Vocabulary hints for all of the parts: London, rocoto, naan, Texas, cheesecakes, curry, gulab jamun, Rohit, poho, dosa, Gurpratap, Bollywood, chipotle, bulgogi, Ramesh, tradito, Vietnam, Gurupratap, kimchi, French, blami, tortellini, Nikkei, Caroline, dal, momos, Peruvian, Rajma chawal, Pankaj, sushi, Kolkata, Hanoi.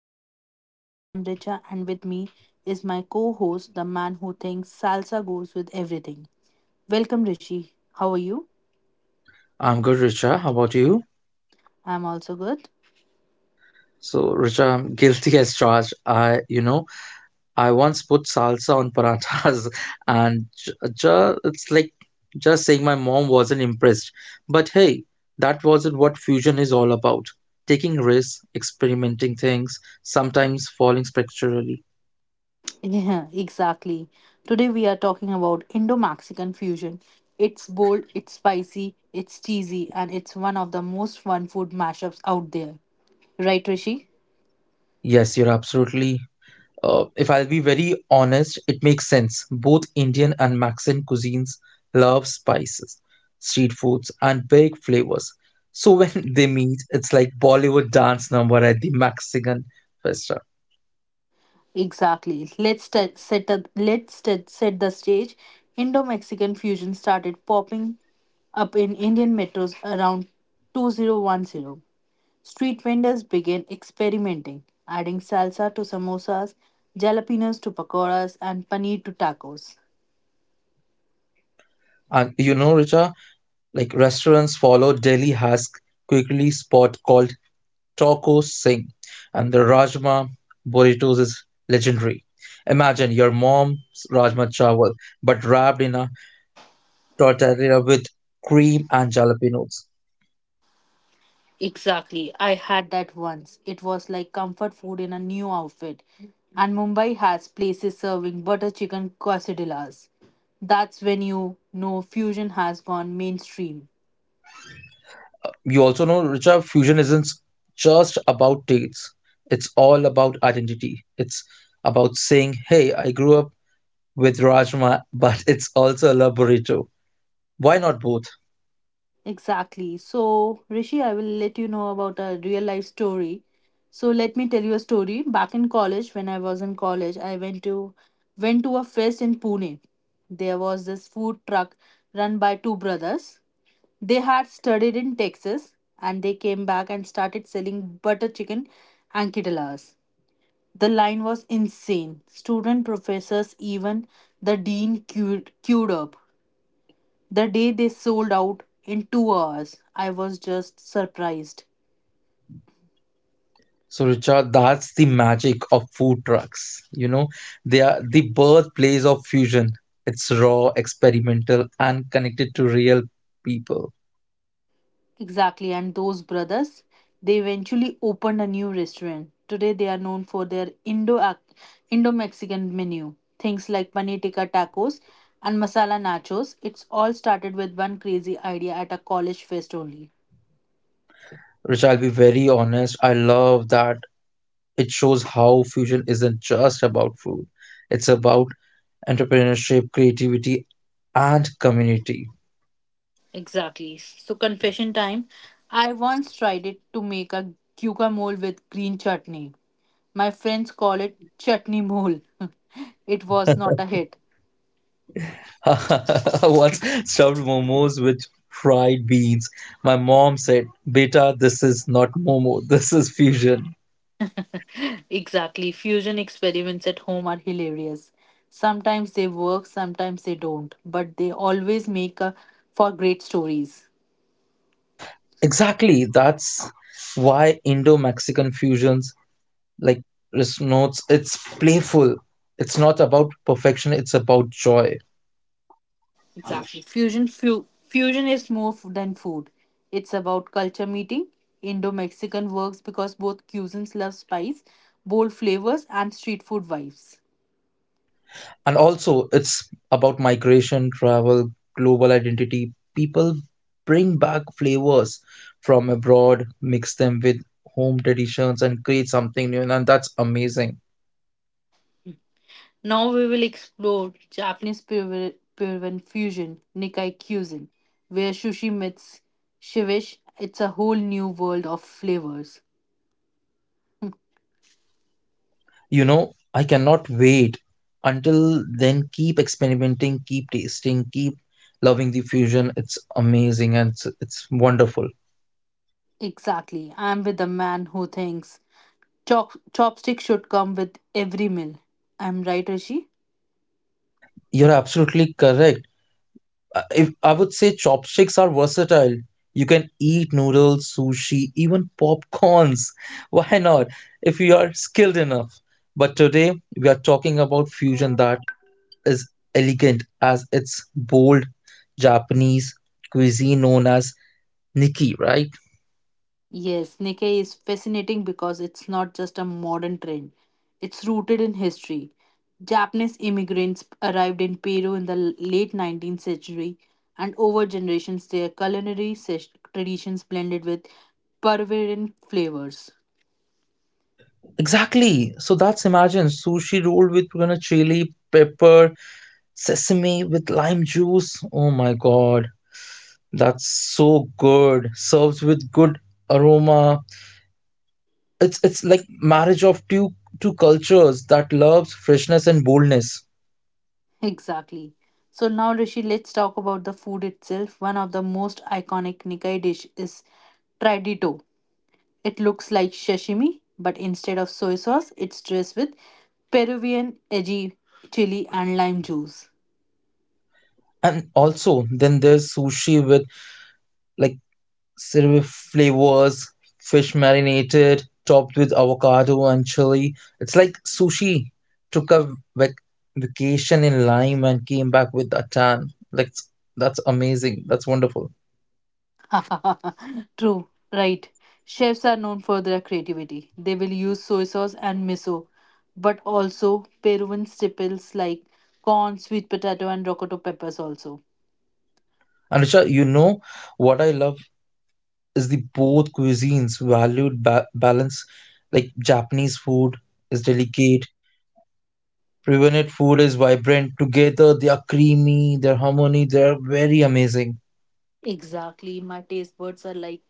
Fusions We Love. I am Richa and with me is my co host, the man who thinks salsa goes with everything. Welcome, Rishi. How are you? I'm good, Richa. How about you? I'm also good. So, Richa, I'm guilty as charged. I I once put salsa on parathas, and it's like just saying my mom wasn't impressed. But hey, that wasn't what fusion is all about. Taking risks, experimenting things, sometimes falling spectacularly. Yeah, exactly. Today we are talking about Indo Mexican fusion. It's bold, it's spicy, it's cheesy, and it's one of the most fun food mashups out there. Right, Rishi? Yes, you're absolutely. If I'll be very honest, it makes sense. Both Indian and Mexican cuisines love spices, street foods, and big flavors. So when they meet, it's like Bollywood dance number at the Mexican restaurant. Exactly. Let's set the stage. Indo-Mexican fusion started popping up in Indian metros around 2010. Street vendors began experimenting, adding salsa to samosas, jalapenos to pakoras, and paneer to tacos. And you know, Richa, like restaurants follow Delhi has quickly spot called Taco Singh, and the Rajma burritos is legendary. Imagine your mom's Rajma chawal, but wrapped in a tortellini with cream and jalapenos. Exactly. I had that once. It was like comfort food in a new outfit. And Mumbai has places serving butter chicken quesadillas. That's when you know fusion has gone mainstream. You also know, Richa, fusion isn't just about tastes. It's all about identity. It's about saying, hey, I grew up with Rajma, but it's also a love burrito. Why not both? Exactly. So, Rishi, I will let you know about a real life story. So, let me tell you a story. Back in college, when I was in college, I went to a fest in Pune. There was this food truck run by two brothers. They had studied in Texas and they came back and started selling butter chicken anquidalas. The line was insane. Student professors, even the dean queued up. The day they sold out in 2 hours, I was just surprised. So, Richard, that's the magic of food trucks. You know, they are the birthplace of fusion. It's raw, experimental, and connected to real people. Exactly, and those brothers, they eventually opened a new restaurant. Today they are known for their Indo Mexican menu. Things like paneer tikka tacos and masala nachos. It's all started with one crazy idea at a college fest only. Richard, I'll be very honest. I love that. It shows how fusion isn't just about food, it's about entrepreneurship, creativity, and community. Exactly. So confession time. I once tried it to make a guacamole with green chutney. My friends call it chutney mole. It was not a hit. I once stuffed momos with fried beans. My mom said, Beta, this is not momo, this is fusion. Exactly. Fusion experiments at home are hilarious. Sometimes they work, sometimes they don't, but they always make a, for great stories. Exactly, that's why Indo Mexican fusions like notes, it's playful. It's not about perfection, it's about joy. Exactly. Fusion is more than food. It's about culture meeting. Indo-Mexican works because both cuisines love spice, bold flavors and street food vibes. And also it's about migration, travel, global identity. People bring back flavors from abroad, mix them with home traditions, and create something new, and that's amazing. Now we will explore Japanese Puran fusion, Nikkei cuisine, where sushi meets shivish. It's a whole new world of flavors. You know, I cannot wait. Until then, keep experimenting, keep tasting, keep loving the fusion. It's amazing and it's wonderful. Exactly. I'm with the man who thinks chopsticks should come with every meal. I'm right, Rishi? You're absolutely correct. If I would say chopsticks are versatile. You can eat noodles, sushi, even popcorns. Why not? If you are skilled enough. But today we are talking about fusion that is elegant as its bold Japanese cuisine known as niki, right? Yes, Nikkei is fascinating because it's not just a modern trend. It's rooted in history. Japanese immigrants arrived in Peru in the late 19th century, and over generations, their culinary traditions blended with Peruvian flavors. Exactly. So that's imagine sushi rolled with, you know, chili, pepper, sesame with lime juice. Oh my god. That's so good. Serves with good aroma. It's like marriage of two cultures that loves freshness and boldness. Exactly. So now, Rishi, let's talk about the food itself. One of the most iconic Nikkei dish is tradito. It looks like sashimi, but instead of soy sauce, it's dressed with Peruvian edgy chili and lime juice. And also then there's sushi with like certain flavors, fish marinated, topped with avocado and chili. It's like sushi took a vacation in Lime and came back with a tan. Like that's amazing. That's wonderful. True, right. Chefs are known for their creativity. They will use soy sauce and miso, but also Peruvian staples like corn, sweet potato, and rocoto peppers also. And Richa, you know what I love is the both cuisines valued balance, like Japanese food is delicate, Peruvian food is vibrant. Together they are creamy, their harmony, they are very amazing. Exactly. My taste buds are like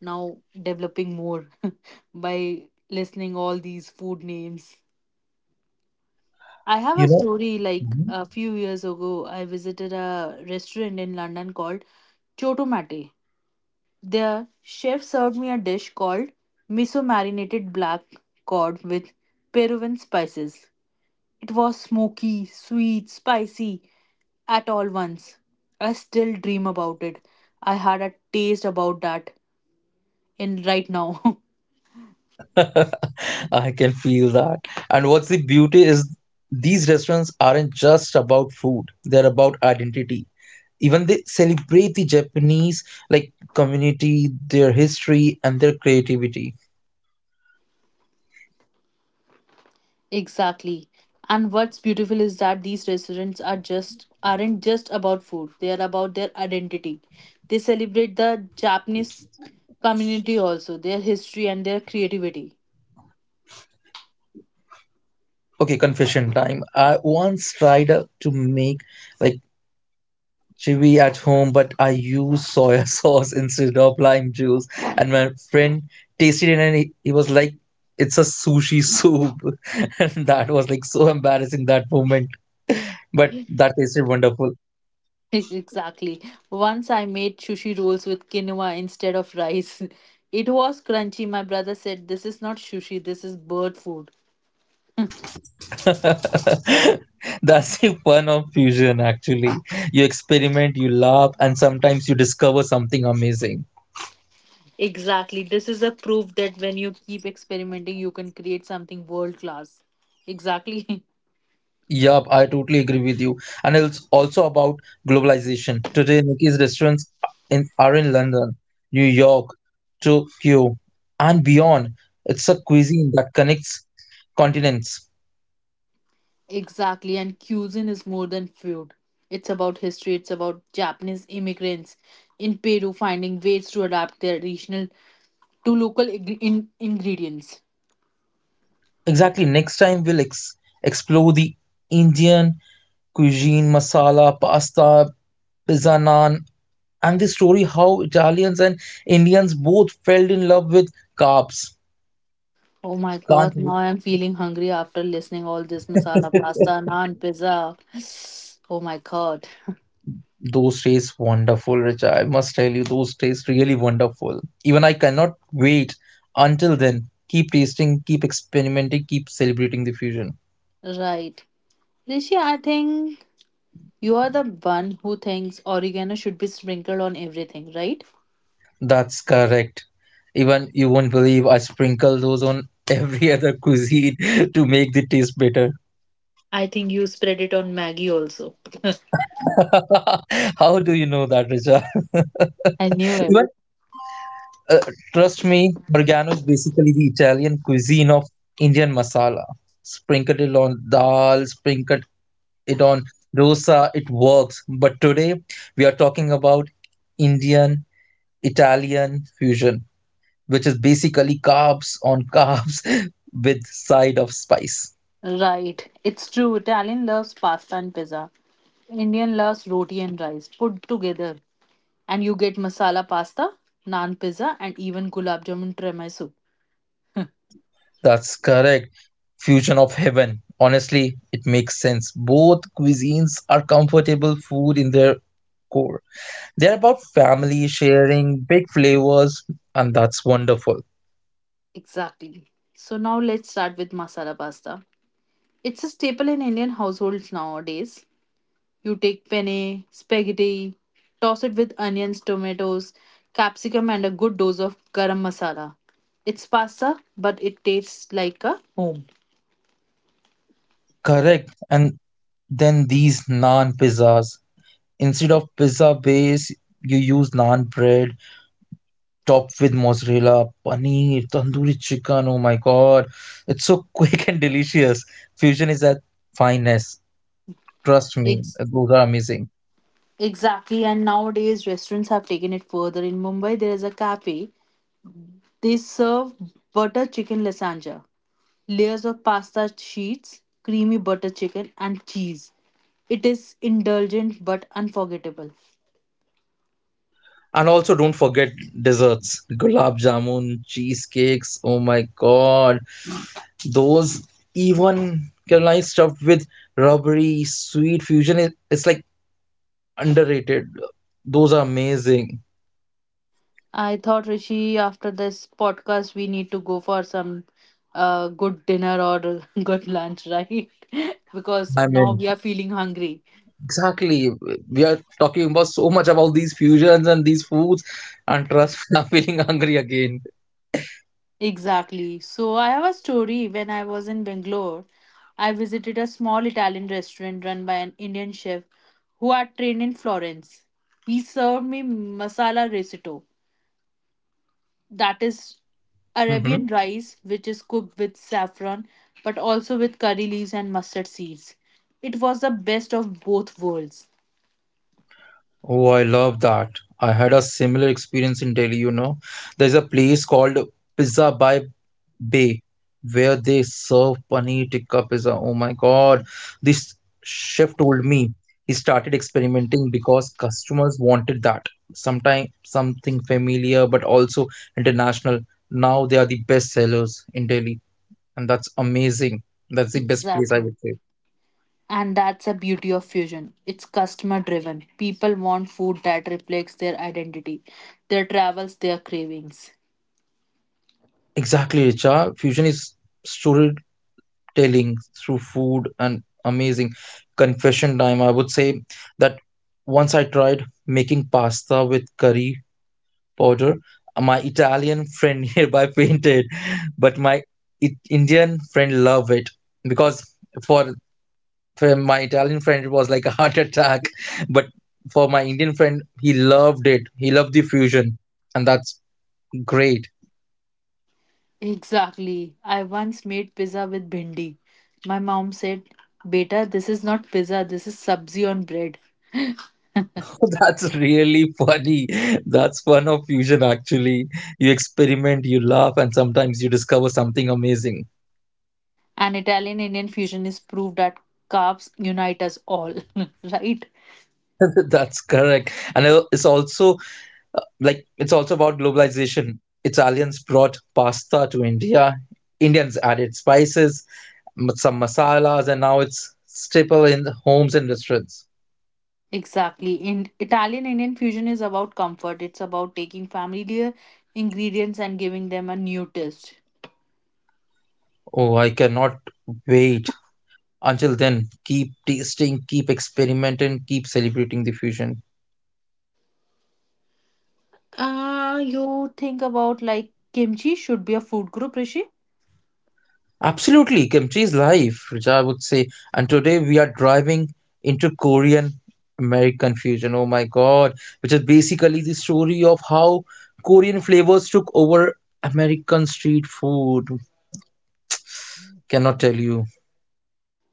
now developing more by listening all these food names. I have You a know, story like a few years ago, I visited a restaurant in London called Chotomate. The chef served me a dish called miso marinated black cod with Peruvian spices. It was smoky, sweet, spicy at all once. I still dream about it. I had a taste about that in right now. mhm. I can feel that. And what's the beauty is these restaurants aren't just about food; they're about identity. Even they celebrate the Japanese like community, their history, and their creativity. Exactly. And what's beautiful is that these restaurants aren't just about food. They are about their identity. They celebrate the Japanese community also, their history and their creativity. Okay, confession time. I once tried to make like chili at home, but I used soy sauce instead of lime juice. And my friend tasted it and he was like, it's a sushi soup. And that was like so embarrassing that moment. But that tasted wonderful. Exactly. Once I made sushi rolls with quinoa instead of rice. It was crunchy. My brother said, "This is not sushi, this is bird food." That's the fun of fusion, actually. You experiment, you laugh, and sometimes you discover something amazing. Exactly. This is a proof that when you keep experimenting, you can create something world class. Exactly. Yup, I totally agree with you. And it's also about globalization. Today, Nikki's restaurants in, are in London, New York, Tokyo, and beyond. It's a cuisine that connects continents. Exactly, and cuisine is more than food. It's about history, it's about Japanese immigrants in Peru finding ways to adapt their regional to local ingredients. Exactly. Next time, we'll ex explore the Indian cuisine, masala, pasta, pizza naan, and the story how Italians and Indians both fell in love with carbs. Oh my Can't. god, now I'm feeling hungry after listening all this masala pasta, naan, pizza. Oh my god. Those days wonderful, Richa. I must tell you, those days really wonderful. Even I cannot wait until then. Keep tasting, keep experimenting, keep celebrating the fusion. Right. Rishi, I think you are the one who thinks oregano should be sprinkled on everything, right? That's correct. Even you won't believe I sprinkle those on every other cuisine to make the taste better. I think you spread it on Maggie also. How do you know that, Richa? I knew it. Even trust me, Borgano is basically the Italian cuisine of Indian masala. Sprinkled it on dal, sprinkled it on dosa, it works. But today we are talking about Indian Italian fusion, which is basically carbs on carbs with side of spice. Right, it's true. Italian loves pasta and pizza. Indian loves roti and rice put together. And you get masala pasta, naan pizza, and even gulab jamun tiramisu. That's correct. Fusion of heaven. Honestly, it makes sense. Both cuisines are comfortable food in their core. They're about family sharing, big flavors, and that's wonderful. Exactly. So now let's start with masala pasta. It's a staple in Indian households nowadays. You take penne, spaghetti, toss it with onions, tomatoes, capsicum, and a good dose of garam masala. It's pasta, but it tastes like a home. Correct. And then these naan pizzas. Instead of pizza base, you use naan bread topped with mozzarella, paneer, tandoori chicken. Oh my god, it's so quick and delicious. Fusion is at finest. Trust me, Ex- those are amazing. Exactly, and nowadays restaurants have taken it further. In Mumbai, there is a cafe. They serve butter chicken lasagna, layers of pasta sheets, creamy butter chicken, and cheese. It is indulgent but unforgettable. And also, don't forget desserts, gulab jamun, cheesecakes. Oh my god, those even Caroline stuffed with rubbery sweet fusion is it's like underrated. Those are amazing. I thought Rishi, after this podcast, we need to go for some good dinner or good lunch, right? Because I'm now in. we are feeling hungry. Exactly. We are talking about so much about these fusions and these foods, and trust me, I'm feeling hungry again. Exactly. So I have a story when I was in Bangalore. I visited a small Italian restaurant run by an Indian chef who had trained in Florence. He served me masala risotto, that is Hmm. Arabian rice, which is cooked with saffron but also with curry leaves and mustard seeds. It was the best of both worlds. Oh, I love that. I had a similar experience in Delhi, you know. There's a place called Pizza by Bay where they serve paneer tikka pizza. Oh my God. This chef told me he started experimenting because customers wanted that. Sometimes something familiar, but also international. Now they are the best sellers in Delhi. And that's amazing. That's the best place, I would Exactly. say. And that's the beauty of fusion. It's customer driven. People want food that reflects their identity, their travels, their cravings. Exactly, Richa. Fusion is storytelling through food, and amazing. Confession time, I would say that once I tried making pasta with curry powder. My Italian friend nearby fainted, but my Indian friend loved it. Because for for my Italian friend it was like a heart attack, but for my Indian friend he loved it. He loved the fusion, and that's great. Exactly. I once made pizza with bhindi. My mom said, "Beta, this is not pizza, this is sabzi on bread." That's really funny. That's fun of fusion, actually. You experiment, you laugh, and sometimes you discover something amazing. An Italian Indian fusion is proof that carbs unite us all, right? That's correct. And it's also like it's also about globalization. Italians brought pasta to India. Indians added spices, some masalas, and now it's staple in the homes and restaurants. Exactly. In Italian Indian fusion is about comfort. It's about taking familiar ingredients and giving them a new twist. Oh, I cannot wait. Until then, keep tasting, keep experimenting, keep celebrating the fusion. You think about like kimchi should be a food group, Rishi? Absolutely, kimchi is life, which I would say. And today we are driving into Korean American fusion. Oh my God, which is basically the story of how Korean flavors took over American street food. Cannot tell you.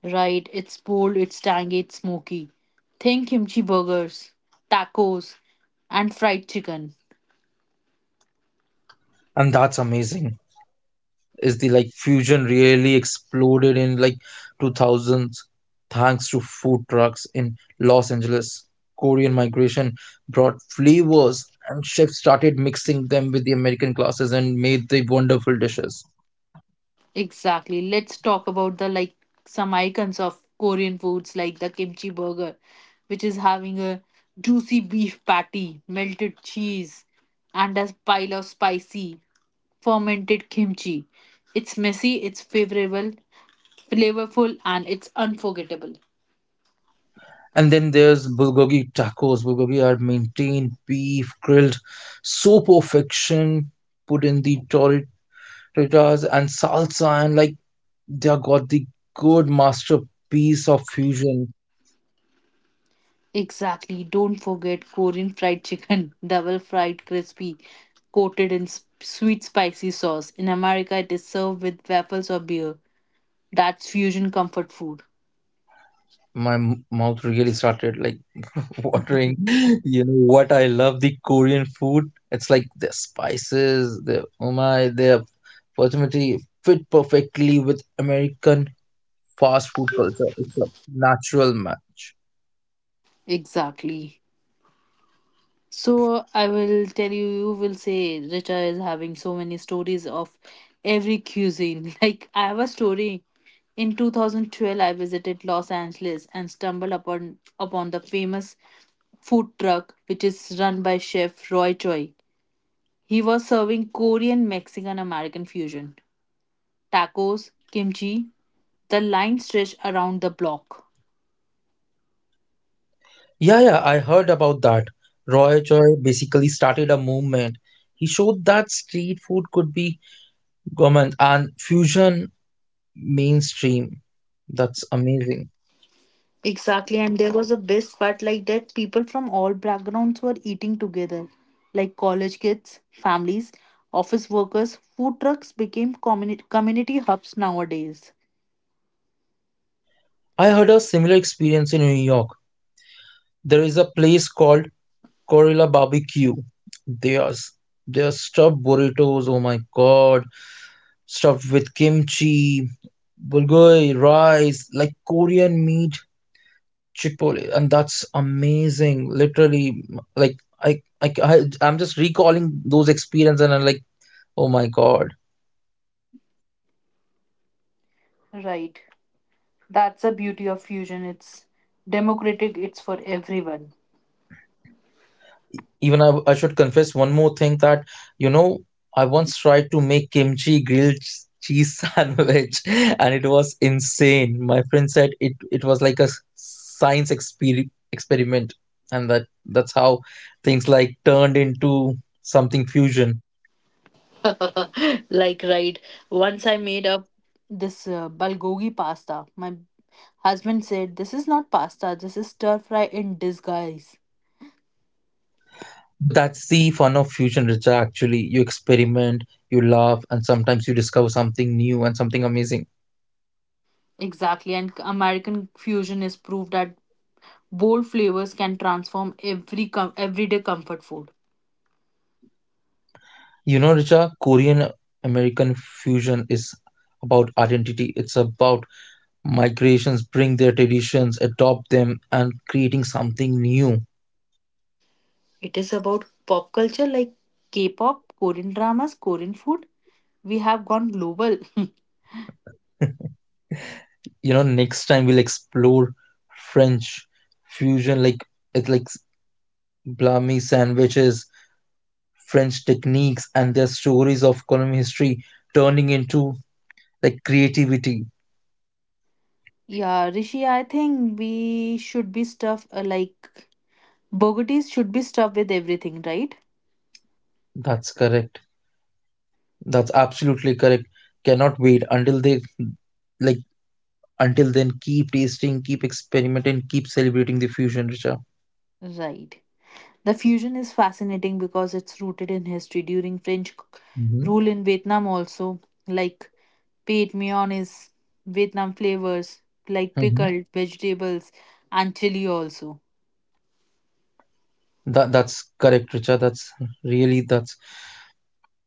Right, it's bold, it's tangy, it's smoky. Think kimchi burgers, tacos, and fried chicken. And that's amazing. Is the like fusion really exploded in like 2000s thanks to food trucks in Los Angeles. Korean migration brought flavors and chefs started mixing them with the American classes and made the wonderful dishes. Exactly. Let's talk about the like some icons of Korean foods like the kimchi burger, which is having a juicy beef patty, melted cheese, and a pile of spicy fermented kimchi. It's messy, it's favorable, flavorful, and it's unforgettable. And then there's bulgogi tacos. Bulgogi are maintained beef grilled so perfection, put in the tortillas and salsa, and like they are got the good masterpiece of fusion. Exactly. Don't forget Korean fried chicken, double fried crispy, coated in sweet spicy sauce. In America, it is served with waffles or beer. That's fusion comfort food. My mouth really started like watering. You know what I love the Korean food, it's like the spices, the oh my, their fertility fit perfectly with American fast food culture. It's a natural match. Exactly. So I will tell you, you will say Richa is having so many stories of every cuisine. Like I have a story. In 2012, I visited Los Angeles and stumbled upon the famous food truck which is run by chef Roy Choi. He was serving Korean Mexican American fusion, tacos, kimchi. The line stretched around the block. Yeah, I heard about that. Roy Choi basically started a movement. He showed that street food could be government and fusion mainstream. That's amazing. Exactly, and there was a best part like that people from all backgrounds were eating together, like college kids, families, office workers. Food trucks became community hubs nowadays. I had a similar experience in New York. There is a place called Corilla Barbecue. they are s- they are stuffed burritos. Oh my god, stuffed with kimchi, bulgogi, rice, like Korean meat, chipotle, and that's amazing. Literally, like I I I'm just recalling those experiences and I'm like, oh my god. Right. That's the beauty of fusion. It's democratic, it's for everyone. Even I should confess one more thing that, you know, I once tried to make kimchi grilled cheese sandwich and it was insane. My friend said it, it was like a science experiment, and that's how things like turned into something fusion. Like right, once I made up this bulgogi pasta. My husband said, "This is not pasta, this is stir fry in disguise." That's the fun of fusion, Richa, actually. You experiment, you laugh, and sometimes you discover something new and something amazing. Exactly, and American fusion is proof that bold flavors can transform everyday comfort food. You know, Richa, Korean American fusion is about identity. It's about migrations bring their traditions, adopt them, and creating something new. It is about pop culture, like k-pop, Korean dramas, Korean food. We have gone global. You know, next time we'll explore French fusion, like it's like blami sandwiches, French techniques, and their stories of colonial history turning into like creativity. Yeah, Rishi, I think we should be stuff like bogotis should be stuffed with everything, right? That's correct. That's absolutely correct. Cannot wait until they like until then keep tasting, keep experimenting, keep celebrating the fusion, Richa. Right. The fusion is fascinating because it's rooted in history during French Hmm. rule in Vietnam also, like paid mayonnaise, Vietnam flavors like pickled vegetables and chili also. That's correct, Richa. That's really that's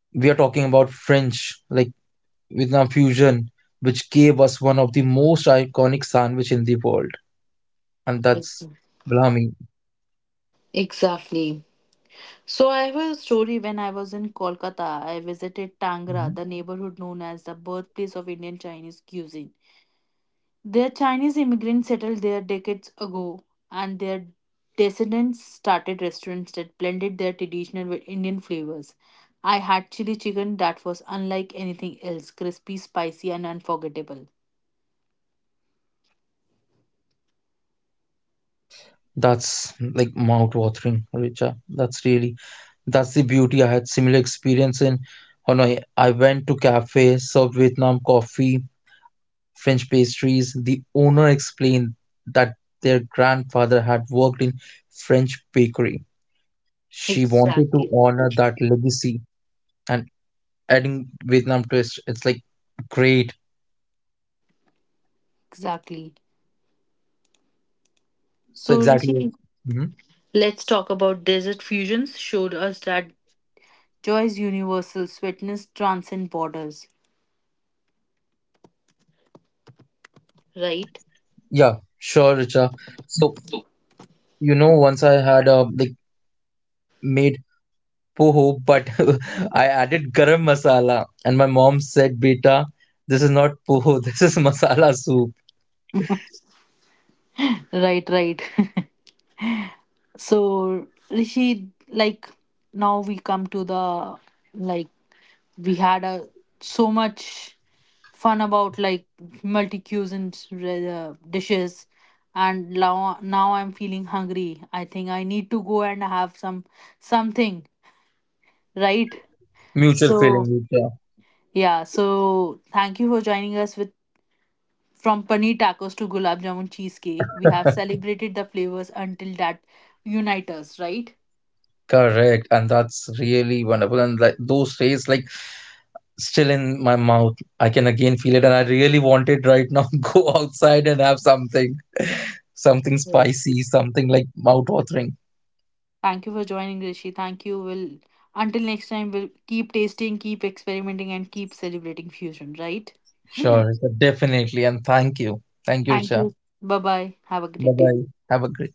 we are talking about French, like Vietnam fusion, which gave us one of the most iconic sandwich in the world, and that's Ex- Blami. Exactly. So I have a story when I was in Kolkata, I visited Tangra, the neighborhood known as the birthplace of Indian Chinese cuisine. Their Chinese immigrants settled there decades ago, and their descendants started restaurants that blended their traditional with Indian flavors. I had chili chicken that was unlike anything else, crispy, spicy, and unforgettable. That's like mouth-watering, Richa. That's really that's the beauty. I had similar experience in Hanoi. I went to cafe, served Vietnam coffee, French pastries. The owner explained that their grandfather had worked in French bakery. She wanted to Exactly. honor that legacy and adding Vietnam twist. It's like great. Exactly. So So, exactly. Rishi, Mhm. let's talk about desert fusions. Showed us that joy is universal, sweetness transcends borders. Right? Yeah, sure, Richa. So you know, once I had like made poho, but I added garam masala, and my mom said, "Beta, this is not poho. This is masala soup." Right, right. So Rishi, like now we come to the like we had a so much fun about like multi cuisine dishes, and now I'm feeling hungry. I think I need to go and have some something, right? Mutual feeling, So Richa. yeah, so thank you for joining us with from paneer tacos to gulab jamun cheesecake. We have celebrated the flavors until that unite us, right? Correct, and that's really wonderful. And like those days, like still in my mouth. I can again feel it, and I really want it right now. Go outside and have something, something Yes. spicy, something like mouth watering. Thank you for joining, Rishi. Thank you. Will until next time, we'll keep tasting, keep experimenting, and keep celebrating fusion, right? Sure, definitely, and thank you, Thank Richa. you. Bye bye. Have a Bye great day. bye. Have a great.